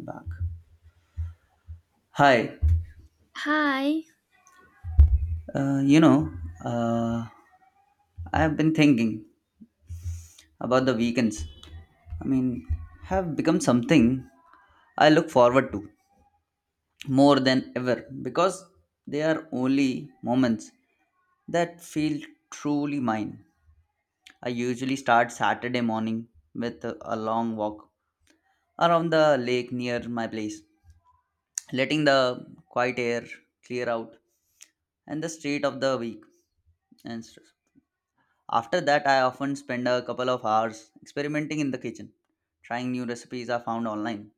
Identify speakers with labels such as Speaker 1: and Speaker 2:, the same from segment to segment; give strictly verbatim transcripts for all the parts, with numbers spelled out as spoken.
Speaker 1: Back. Hi,
Speaker 2: Hi,
Speaker 1: uh, you know, uh, I have been thinking about the weekends. I mean, have become something I look forward to more than ever because they are only moments that feel truly mine. I usually start Saturday morning with a a long walk around the lake near my place, letting the quiet air clear out and the street of the week and stuff. After that, I often spend a couple of hours experimenting in the kitchen, trying new recipes I found online.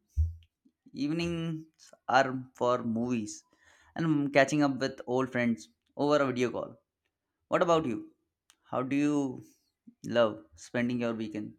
Speaker 1: Evenings are for movies and catching up with old friends over a video call. What about you? How do you love spending your weekend?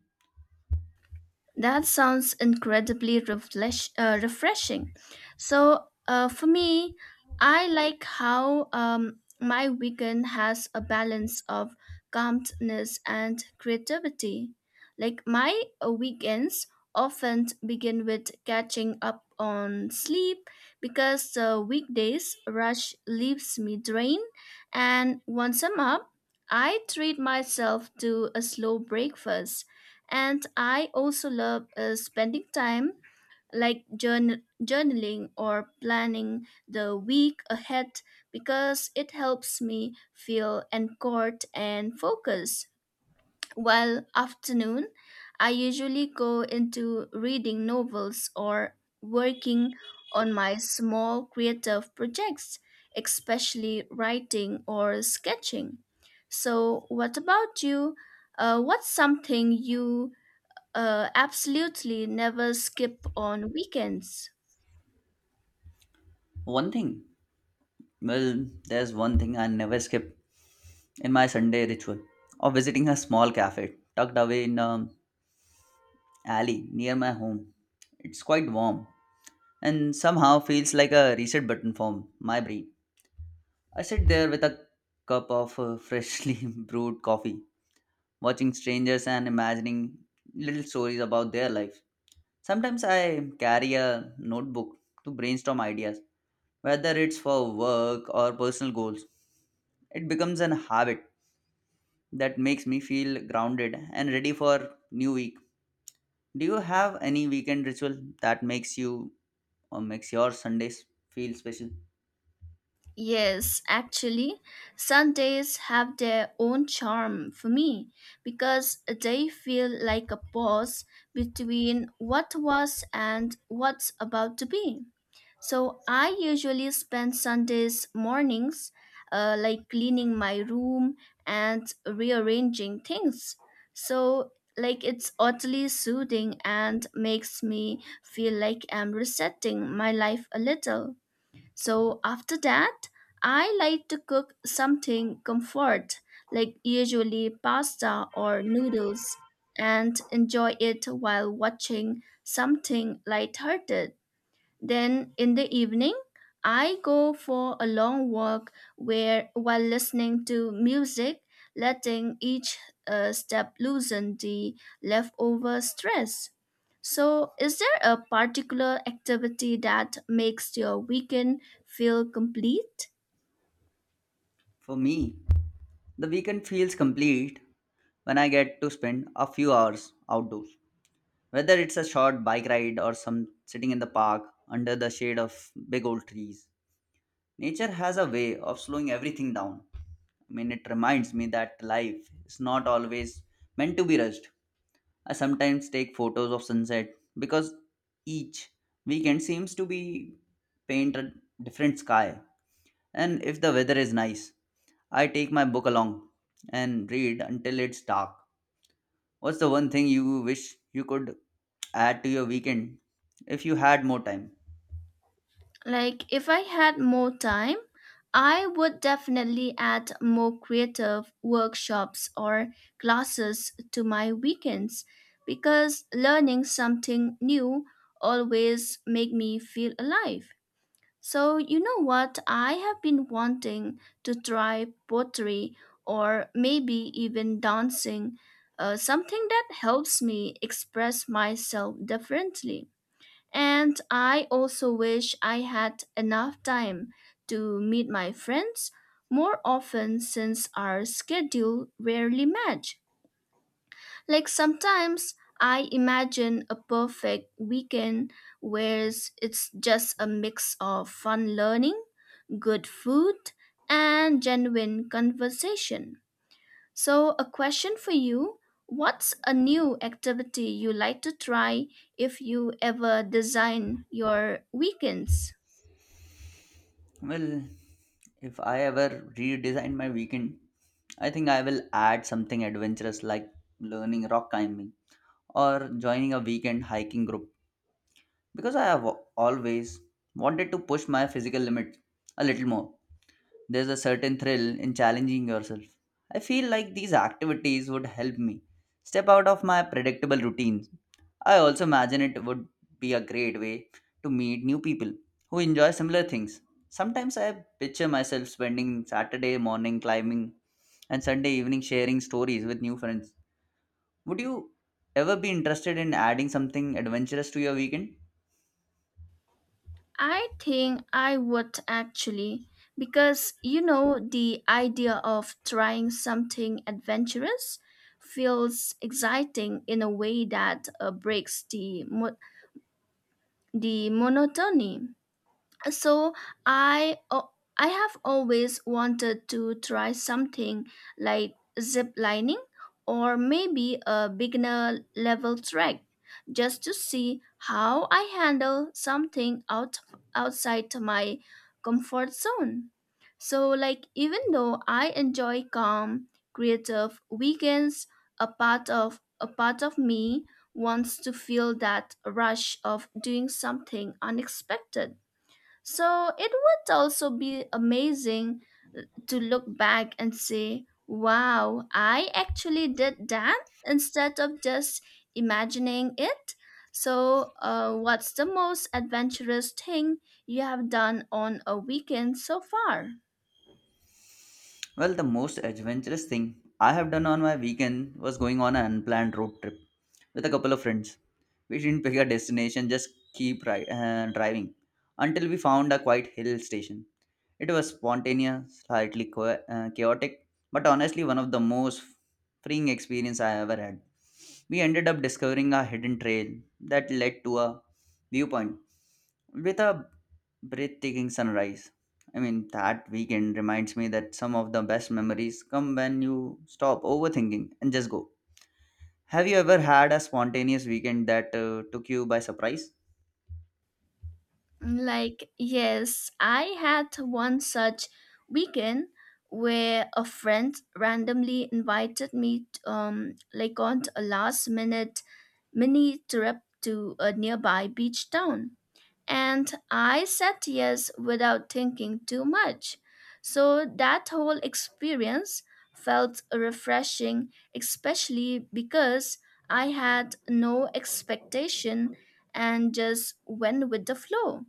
Speaker 2: that sounds incredibly refresh, uh, refreshing. So, uh, for me, I like how um, my weekend has a balance of calmness and creativity. Like, my uh, weekends often begin with catching up on sleep because the weekdays rush leaves me drained. And once I'm up, I treat myself to a slow breakfast. And I also love uh, spending time like journa- journaling or planning the week ahead because it helps me feel anchored and focused. While afternoon, I usually go into reading novels or working on my small creative projects, especially writing or sketching. So, what about you? Uh, what's something you uh, absolutely never skip on weekends?
Speaker 1: One thing, well, there's one thing I never skip in my Sunday ritual of visiting a small cafe tucked away in an alley near my home. It's quite warm and somehow feels like a reset button for my brain. I sit there with a cup of uh, freshly brewed coffee, watching strangers and imagining little stories about their life. Sometimes I carry a notebook to brainstorm ideas, whether it's for work or personal goals. It becomes an habit that makes me feel grounded and ready for new week. Do you have any weekend ritual that makes you or makes your Sundays feel special?
Speaker 2: Yes, actually, Sundays have their own charm for me because they feel like a pause between what was and what's about to be. So I usually spend Sundays mornings uh, like cleaning my room and rearranging things. So like it's oddly soothing and makes me feel like I'm resetting my life a little. So after that, I like to cook something comfort, like usually pasta or noodles, and enjoy it while watching something lighthearted. Then in the evening, I go for a long walk where while listening to music, letting each uh, step loosen the leftover stress. So, is there a particular activity that makes your weekend feel complete?
Speaker 1: For me, the weekend feels complete when I get to spend a few hours outdoors. Whether it's a short bike ride or some sitting in the park under the shade of big old trees. Nature has a way of slowing everything down. I mean, it reminds me that life is not always meant to be rushed. I sometimes take photos of sunset because each weekend seems to be painted different sky, and if the weather is nice, I take my book along and read until it's dark. What's the one thing you wish you could add to your weekend if you had more time?
Speaker 2: Like, if I had more time, I would definitely add more creative workshops or classes to my weekends because learning something new always make me feel alive. So, you know what? I have been wanting to try pottery or maybe even dancing, uh, something that helps me express myself differently. And I also wish I had enough time to meet my friends more often since our schedule rarely match. Like sometimes I imagine a perfect weekend where it's just a mix of fun learning, good food, and genuine conversation. So, a question for you: what's a new activity you like to try if you ever design your weekends?
Speaker 1: Well, if I ever redesign my weekend, I think I will add something adventurous like learning rock climbing or joining a weekend hiking group because I have always wanted to push my physical limit a little more. There's a certain thrill in challenging yourself. I feel like these activities would help me step out of my predictable routines. I also imagine it would be a great way to meet new people who enjoy similar things. Sometimes I picture myself spending Saturday morning climbing and Sunday evening sharing stories with new friends. Would you ever be interested in adding something adventurous to your weekend?
Speaker 2: I think I would actually, because you know, the idea of trying something adventurous feels exciting in a way that uh, breaks the, mo- the monotony. So I uh, I have always wanted to try something like zip lining or maybe a beginner level track just to see how I handle something out outside my comfort zone. So like even though I enjoy calm creative weekends, a part of a part of me wants to feel that rush of doing something unexpected. So it would also be amazing to look back and say, wow, I actually did that instead of just imagining it. So, uh, what's the most adventurous thing you have done on a weekend so far?
Speaker 1: Well, the most adventurous thing I have done on my weekend was going on an unplanned road trip with a couple of friends. We didn't pick a destination, just keep ri- uh, driving until we found a quiet hill station. It was spontaneous, slightly chao- uh, chaotic, but honestly one of the most freeing experience I ever had. We ended up discovering a hidden trail that led to a viewpoint with a breathtaking sunrise. I mean, that weekend reminds me that some of the best memories come when you stop overthinking and just go. Have you ever had a spontaneous weekend that uh, took you by surprise?
Speaker 2: Like, yes, I had one such weekend where a friend randomly invited me um like on a last minute mini trip to a nearby beach town. And I said yes without thinking too much. So that whole experience felt refreshing, especially because I had no expectation and just went with the flow.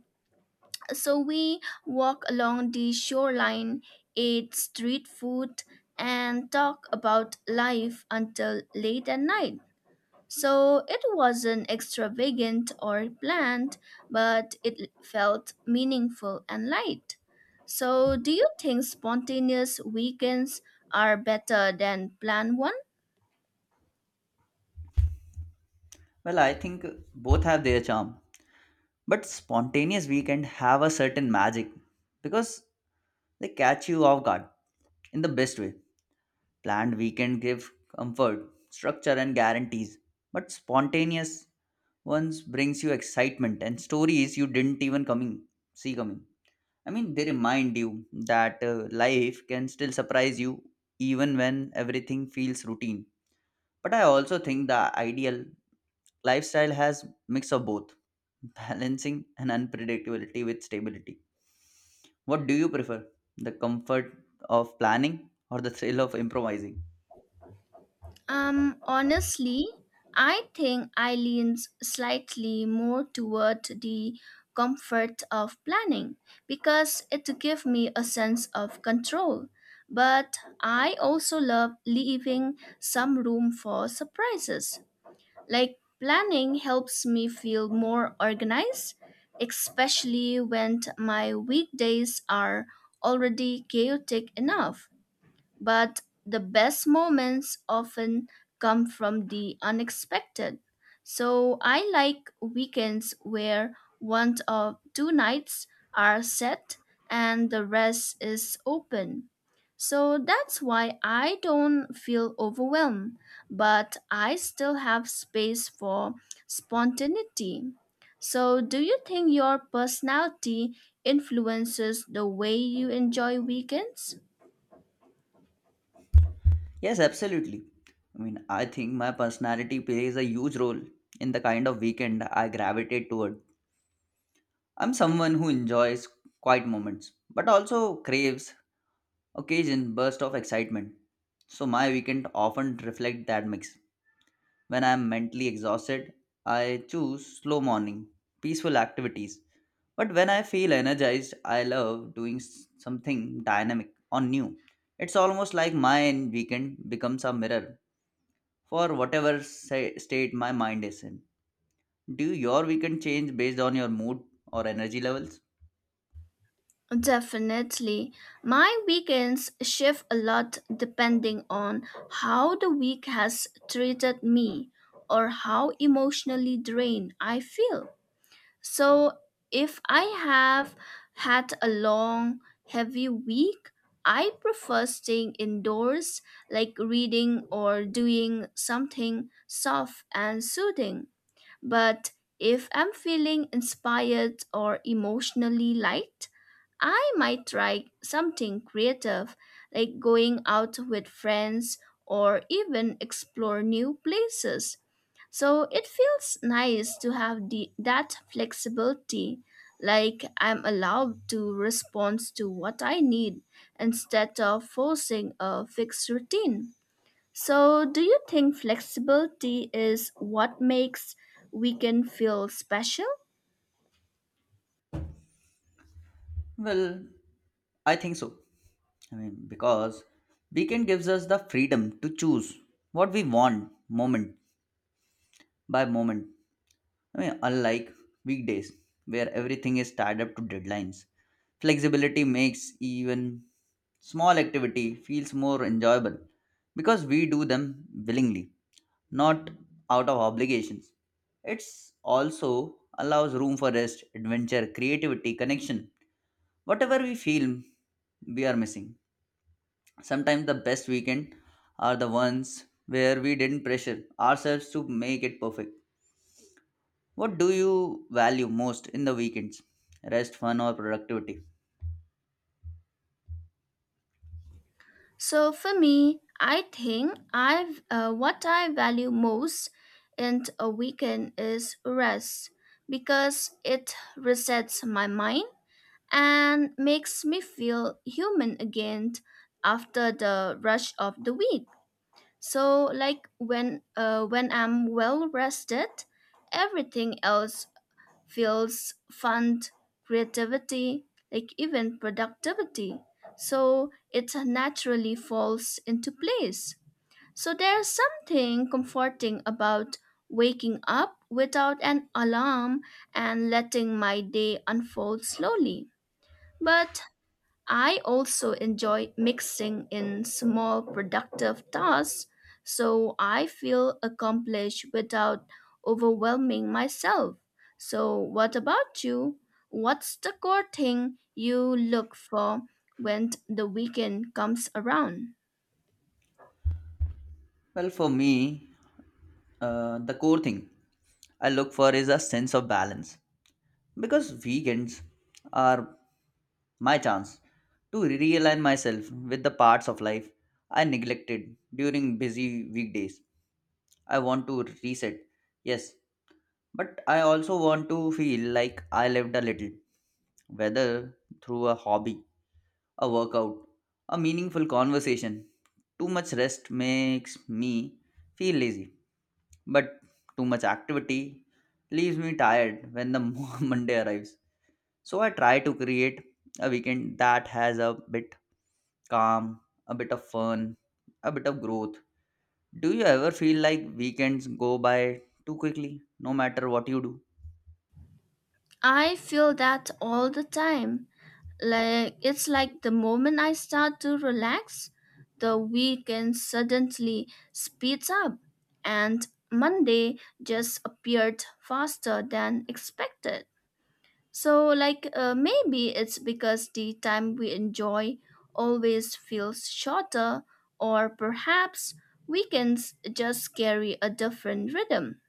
Speaker 2: So we walked along the shoreline, ate street food, and talked about life until late at night. So it wasn't extravagant or planned, but it felt meaningful and light. So, do you think spontaneous weekends are better than planned ones?
Speaker 1: Well, I think both have their charm. But spontaneous weekend have a certain magic because they catch you off guard in the best way. Planned weekend give comfort, structure and guarantees. But spontaneous once brings you excitement and stories you didn't even coming see coming. I mean, they remind you that uh, life can still surprise you even when everything feels routine. But I also think the ideal lifestyle has mix of both, balancing and unpredictability with stability. What do you prefer, the comfort of planning or the thrill of improvising?
Speaker 2: Um, honestly, I think I lean s- slightly more toward the comfort of planning because it gives me a sense of control. But I also love leaving some room for surprises. Like planning helps me feel more organized, especially when t- my weekdays are already chaotic enough. But the best moments often come from the unexpected. So I like weekends where one or two nights are set and the rest is open. So that's why I don't feel overwhelmed, but I still have space for spontaneity. So, do you think your personality influences the way you enjoy weekends?
Speaker 1: Yes, absolutely. I mean, I think my personality plays a huge role in the kind of weekend I gravitate toward. I'm someone who enjoys quiet moments, but also craves occasion burst of excitement. So my weekend often reflect that mix. When I'm mentally exhausted, I choose slow morning, peaceful activities. But when I feel energized, I love doing s- something dynamic or new. It's almost like my weekend becomes a mirror for whatever sa- state my mind is in. Do your weekend change based on your mood or energy levels?
Speaker 2: Definitely. My weekends shift a lot depending on how the week has treated me or how emotionally drained I feel. So, if I have had a long, heavy week, I prefer staying indoors, like reading or doing something soft and soothing. But if I'm feeling inspired or emotionally light, I might try something creative like going out with friends or even explore new places. So it feels nice to have the, that flexibility, like I'm allowed to respond to what I need instead of forcing a fixed routine. So, do you think flexibility is what makes weekend feel special?
Speaker 1: Well, I think so. I mean, because weekend gives us the freedom to choose what we want moment by moment. I mean, unlike weekdays where everything is tied up to deadlines, flexibility makes even small activity feels more enjoyable because we do them willingly, not out of obligations. It's also allows room for rest, adventure, creativity, connection, whatever we feel we are missing. Sometimes the best weekend are the ones where we didn't pressure ourselves to make it perfect. What do you value most in the weekends? Rest, fun, or productivity?
Speaker 2: So, for me, I think I've uh, what I value most in a weekend is rest because it resets my mind and makes me feel human again after the rush of the week. So, like when uh, when I'm well rested, everything else fields fund creativity, like even productivity. So it naturally falls into place. So there's something comforting about waking up without an alarm and letting my day unfold slowly. But I also enjoy mixing in small productive tasks so I feel accomplished without overwhelming myself. So, what about you? What's the core thing you look for when the weekend comes around?
Speaker 1: Well, for me, uh, the core thing I look for is a sense of balance because weekends are my chance to realign myself with the parts of life I neglected during busy weekdays. I want to reset. Yes, but I also want to feel like I lived a little, whether through a hobby, a workout, a meaningful conversation. Too much rest makes me feel lazy, but too much activity leaves me tired when the Monday arrives. So I try to create a weekend that has a bit calm, a bit of fun, a bit of growth. Do you ever feel like weekends go by too quickly, no matter what you do?
Speaker 2: I feel that all the time. Like it's like the moment I start to relax, the weekend suddenly speeds up and Monday just appeared faster than expected. So like uh, maybe it's because the time we enjoy always feels shorter, or perhaps weekends just carry a different rhythm.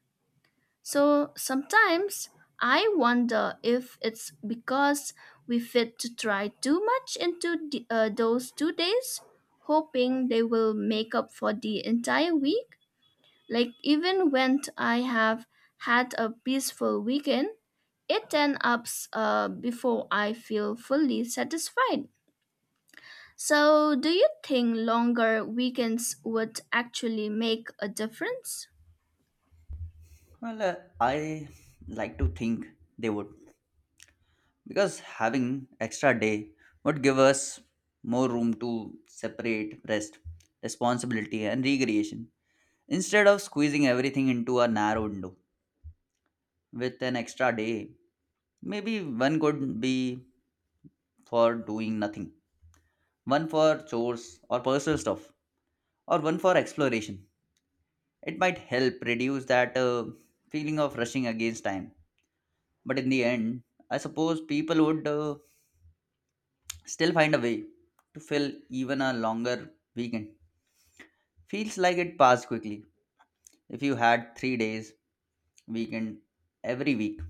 Speaker 2: So sometimes I wonder if it's because we fit to try too much into the, uh, those two days, hoping they will make up for the entire week. Like even when I have had a peaceful weekend, it then ups uh, before I feel fully satisfied. So do you think longer weekends would actually make a difference?
Speaker 1: Well, uh, I like to think they would, because having extra day would give us more room to separate rest, responsibility, and recreation. Instead of squeezing everything into a narrow window, with an extra day, maybe one could be for doing nothing, one for chores or personal stuff, or one for exploration. It might help reduce that uh, feeling of rushing against time. But in the end, I suppose people would uh, still find a way to fill even a longer weekend. Feels like it passed quickly. If you had three days weekend every week,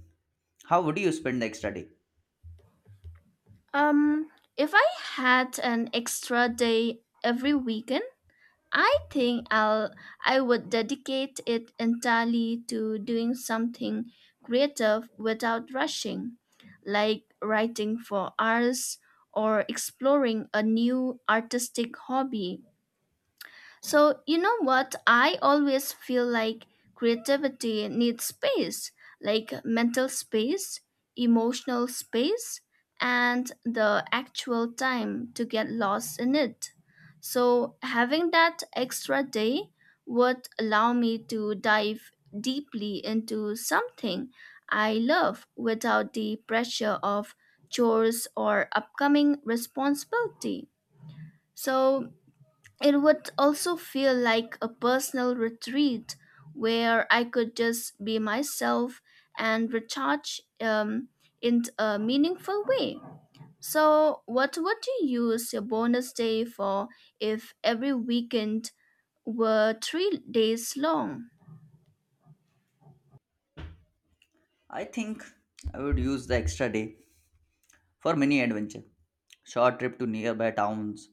Speaker 1: how would you spend the extra day?
Speaker 2: Um, if I had an extra day every weekend, I think I'll I would dedicate it entirely to doing something creative without rushing, like writing for hours or exploring a new artistic hobby. So, you know what? I always feel like creativity needs space, like mental space, emotional space, and the actual time to get lost in it. So, having that extra day would allow me to dive deeply into something I love without the pressure of chores or upcoming responsibility. So, it would also feel like a personal retreat where I could just be myself and recharge um, in a meaningful way. So, what would you use your bonus day for if every weekend were three days long?
Speaker 1: I think I would use the extra day for mini adventure, short trip to nearby towns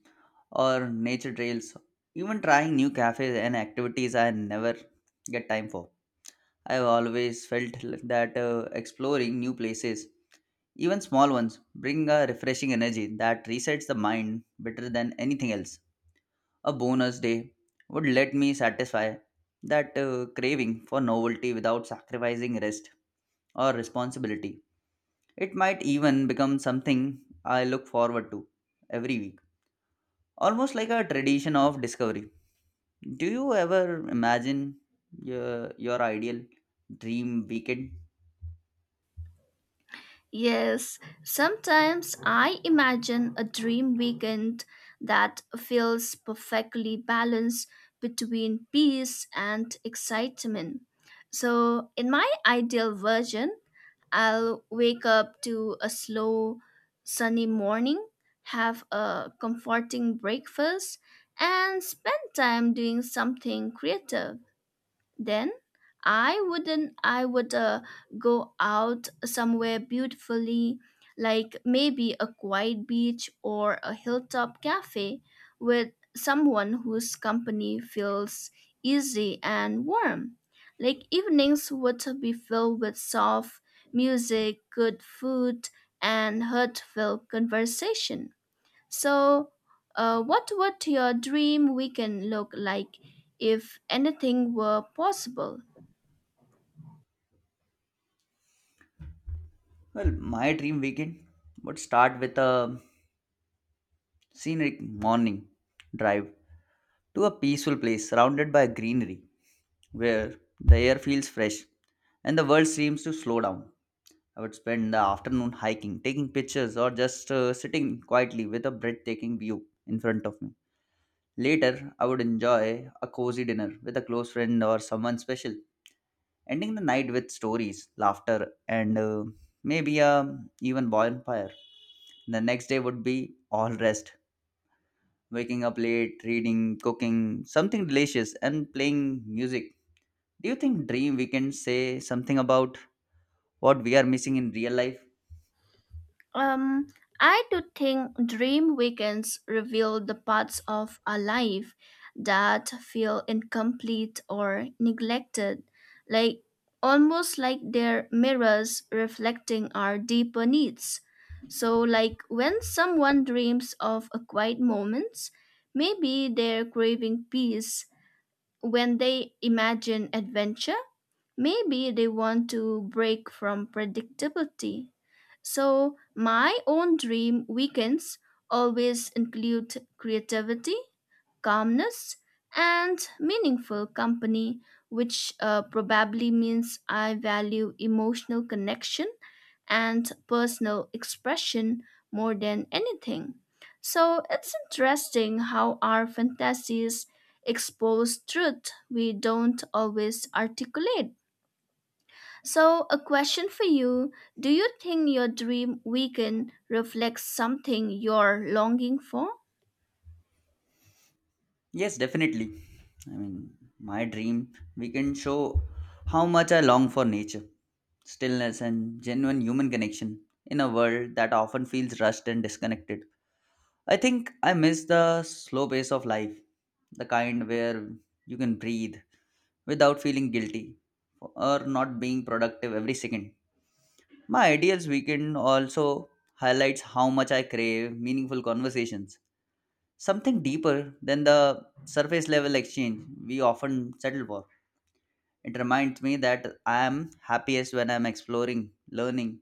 Speaker 1: or nature trails, even trying new cafes and activities I never get time for. I've always felt like that uh, exploring new places, even small ones, bring a refreshing energy that resets the mind better than anything else. A bonus day would let me satisfy that uh, craving for novelty without sacrificing rest or responsibility. It might even become something I look forward to every week, almost like a tradition of discovery. Do you ever imagine your, your ideal dream weekend?
Speaker 2: Yes, sometimes I imagine a dream weekend that feels perfectly balanced between peace and excitement. So, in my ideal version, I'll wake up to a slow, sunny morning, have a comforting breakfast, and spend time doing something creative. Then I wouldn't I would uh, go out somewhere beautifully like maybe a quiet beach or a hilltop cafe with someone whose company feels easy and warm. Like evenings would be filled with soft music, good food, and heartfelt conversation. So, uh, what would your dream weekend look like if anything were possible?
Speaker 1: Well, my dream weekend would start with a scenic morning drive to a peaceful place surrounded by greenery where the air feels fresh and the world seems to slow down. I would spend the afternoon hiking, taking pictures, or just uh, sitting quietly with a breathtaking view in front of me. Later, I would enjoy a cozy dinner with a close friend or someone special, ending the night with stories, laughter, and uh, maybe a even bonfire. The next day would be all rest, waking up late, reading, cooking, something delicious, and playing music. Do you think dream weekends say something about what we are missing in real life?
Speaker 2: Um, I do think dream weekends reveal the parts of our life that feel incomplete or neglected, like almost like they're mirrors reflecting our deeper needs. So, like when someone dreams of a quiet moments, maybe they're craving peace. When they imagine adventure, maybe they want to break from predictability. So, my own dream weekends always include creativity, calmness, and meaningful company, which uh, probably means I value emotional connection and personal expression more than anything. So it's interesting how our fantasies expose truth we don't always articulate. So, a question for you: do you think your dream weekend reflects something you're longing for?
Speaker 1: Yes, definitely. I mean, my dream weekend show how much I long for nature, stillness, and genuine human connection in a world that often feels rushed and disconnected. I think I miss the slow pace of life, the kind where you can breathe without feeling guilty or not being productive every second. My ideals weekend also highlights how much I crave meaningful conversations, something deeper than the surface level exchange we often settle for. It reminds me that I am happiest when I'm exploring, learning,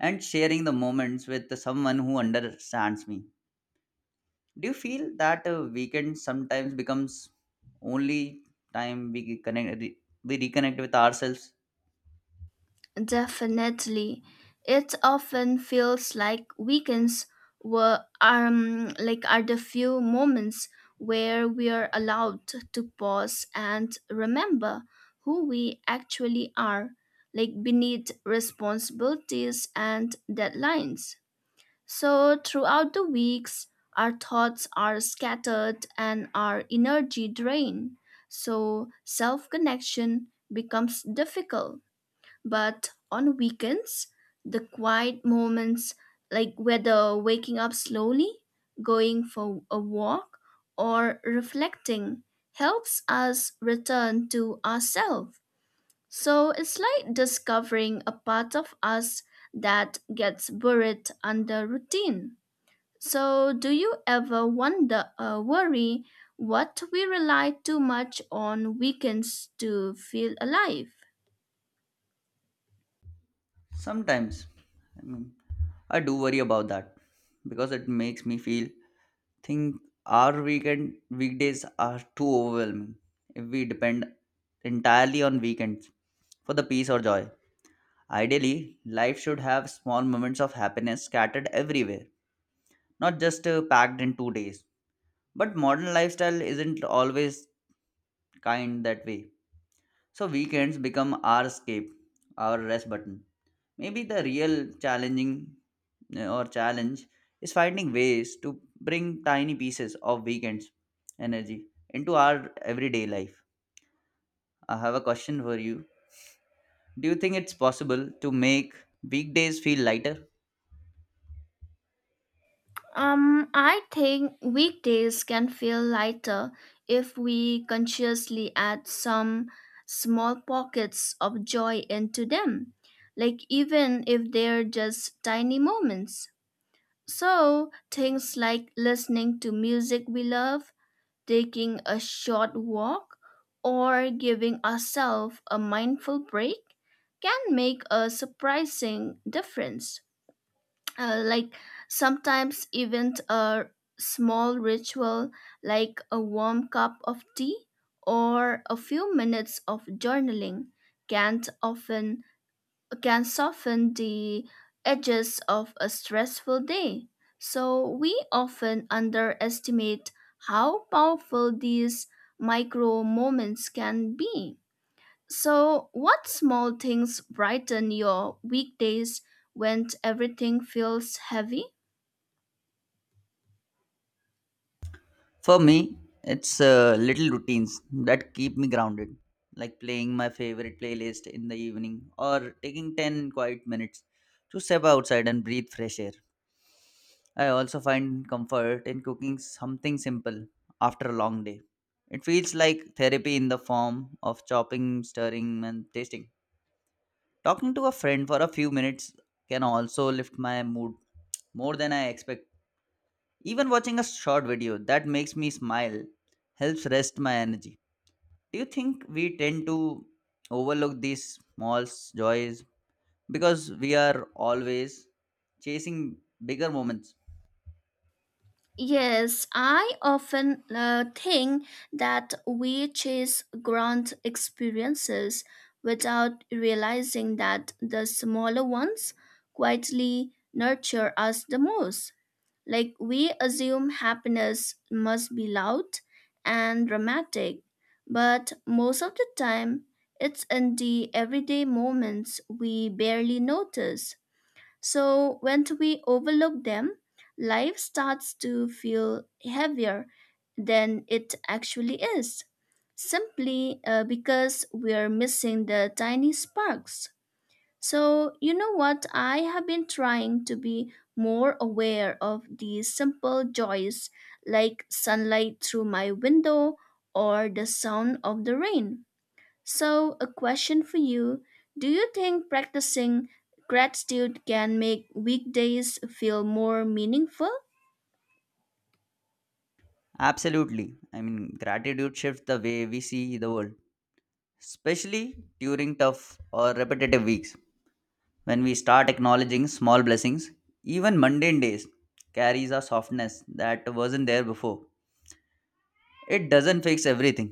Speaker 1: and sharing the moments with someone who understands me. Do you feel that uh, weekend sometimes becomes only time we connect re- we reconnect with ourselves?
Speaker 2: Definitely. It often feels like weekends were um like are the few moments where we are allowed to pause and remember who we actually are, like beneath responsibilities and deadlines. So throughout the weeks, our thoughts are scattered and our energy drained. So self connection becomes difficult, but on weekends, the quiet moments, like whether waking up slowly, going for a walk, or reflecting, helps us return to ourselves. So it's like discovering a part of us that gets buried under routine. So, do you ever wonder or worry what we rely too much on weekends to feel alive?
Speaker 1: Sometimes. I mean, I do worry about that because it makes me feel think our weekend weekdays are too overwhelming if we depend entirely on weekends for the peace or joy. Ideally, life should have small moments of happiness scattered everywhere, not just uh, packed in two days. But modern lifestyle isn't always kind that way. So weekends become our escape, our rest button. Maybe the real challenging uh, or challenge is finding ways to bring tiny pieces of weekends energy into our everyday life. I have a question for you. Do you think it's possible to make weekdays feel lighter?
Speaker 2: Um, I think weekdays can feel lighter if we consciously add some small pockets of joy into them, like even if they're just tiny moments. So, things like listening to music we love, taking a short walk, or giving ourselves a mindful break can make a surprising difference. Uh, like sometimes even a small ritual like a warm cup of tea or a few minutes of journaling can often can soften the edges of a stressful day. So we often underestimate how powerful these micro moments can be. So what small things brighten your weekdays when everything feels heavy?
Speaker 1: For me, it's uh, little routines that keep me grounded, like playing my favorite playlist in the evening or taking ten quiet minutes to step outside and breathe fresh air. I also find comfort in cooking something simple after a long day. It feels like therapy in the form of chopping, stirring, and tasting. Talking to a friend for a few minutes can also lift my mood more than I expect. Even watching a short video that makes me smile helps rest my energy. Do you think we tend to overlook these small s- joys because we are always chasing bigger moments?
Speaker 2: Yes, I often uh, think that we chase grand experiences without realizing that the smaller ones quietly nurture us the most. Like we assume happiness must be loud and dramatic, but most of the time it's in the everyday moments we barely notice. So when we overlook them, life starts to feel heavier than it actually is, simply uh, because we're missing the tiny sparks. So, you know what? I have been trying to be more aware of these simple joys like sunlight through my window or the sound of the rain. So, a question for you: do you think practicing gratitude can make weekdays feel more meaningful?
Speaker 1: Absolutely. I mean, gratitude shifts the way we see the world, especially during tough or repetitive weeks. When we start acknowledging small blessings, even mundane days carries a softness that wasn't there before. It doesn't fix everything,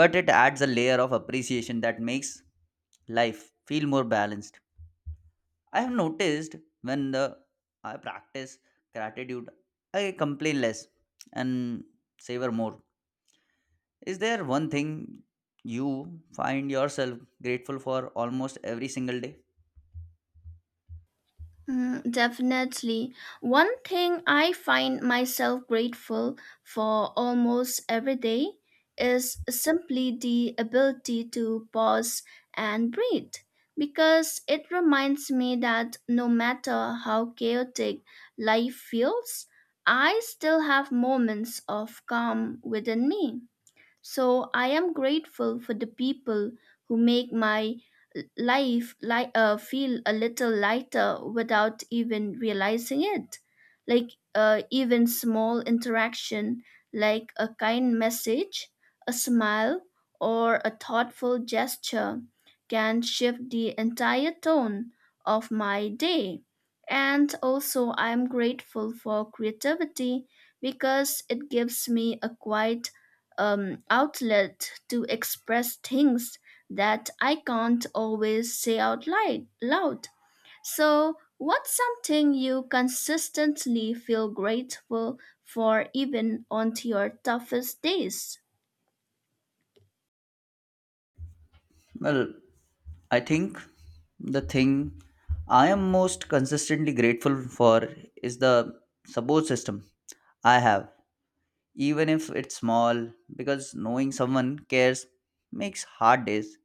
Speaker 1: but it adds a layer of appreciation that makes life feel more balanced. I have noticed when the I practice gratitude, I complain less and savor more. Is there one thing you find yourself grateful for almost every single day?
Speaker 2: Mm, definitely. One thing I find myself grateful for almost every day is simply the ability to pause and breathe because it reminds me that no matter how chaotic life feels, I still have moments of calm within me. So I am grateful for the people who make my l- life li- uh, feel a little lighter without even realizing it. Like uh, even small interaction, like a kind message, a smile, or a thoughtful gesture, can shift the entire tone of my day. And also, I'm grateful for creativity because it gives me a quiet um, outlet to express things that I can't always say out li- loud. So, what's something you consistently feel grateful for even on to your toughest days?
Speaker 1: Well, I think the thing I am most consistently grateful for is the support system I have, even if it's small, because knowing someone cares makes hard days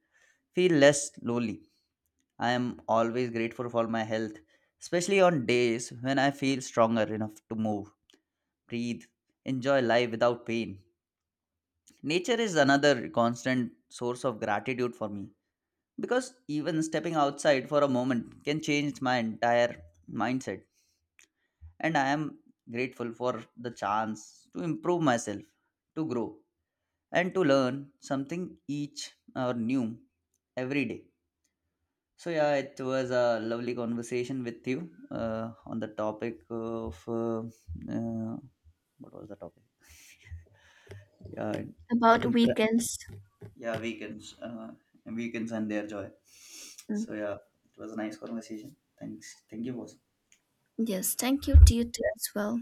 Speaker 1: feel less lonely. I am always grateful for my health, especially on days when I feel stronger enough to move, breathe, enjoy life without pain. Nature is another constant source of gratitude for me because even stepping outside for a moment can change my entire mindset. And I am grateful for the chance to improve myself, to grow, and to learn something each or new every day. So yeah, it was a lovely conversation with you uh, on the topic of uh, uh, what was the topic? Yeah,
Speaker 2: About
Speaker 1: inter-
Speaker 2: weekends.
Speaker 1: yeah, weekends, uh, and weekends and their joy. So
Speaker 2: Mm.
Speaker 1: yeah, it was a nice conversation. Thanks, thank you, boss.
Speaker 2: Yes, thank you to you too as well.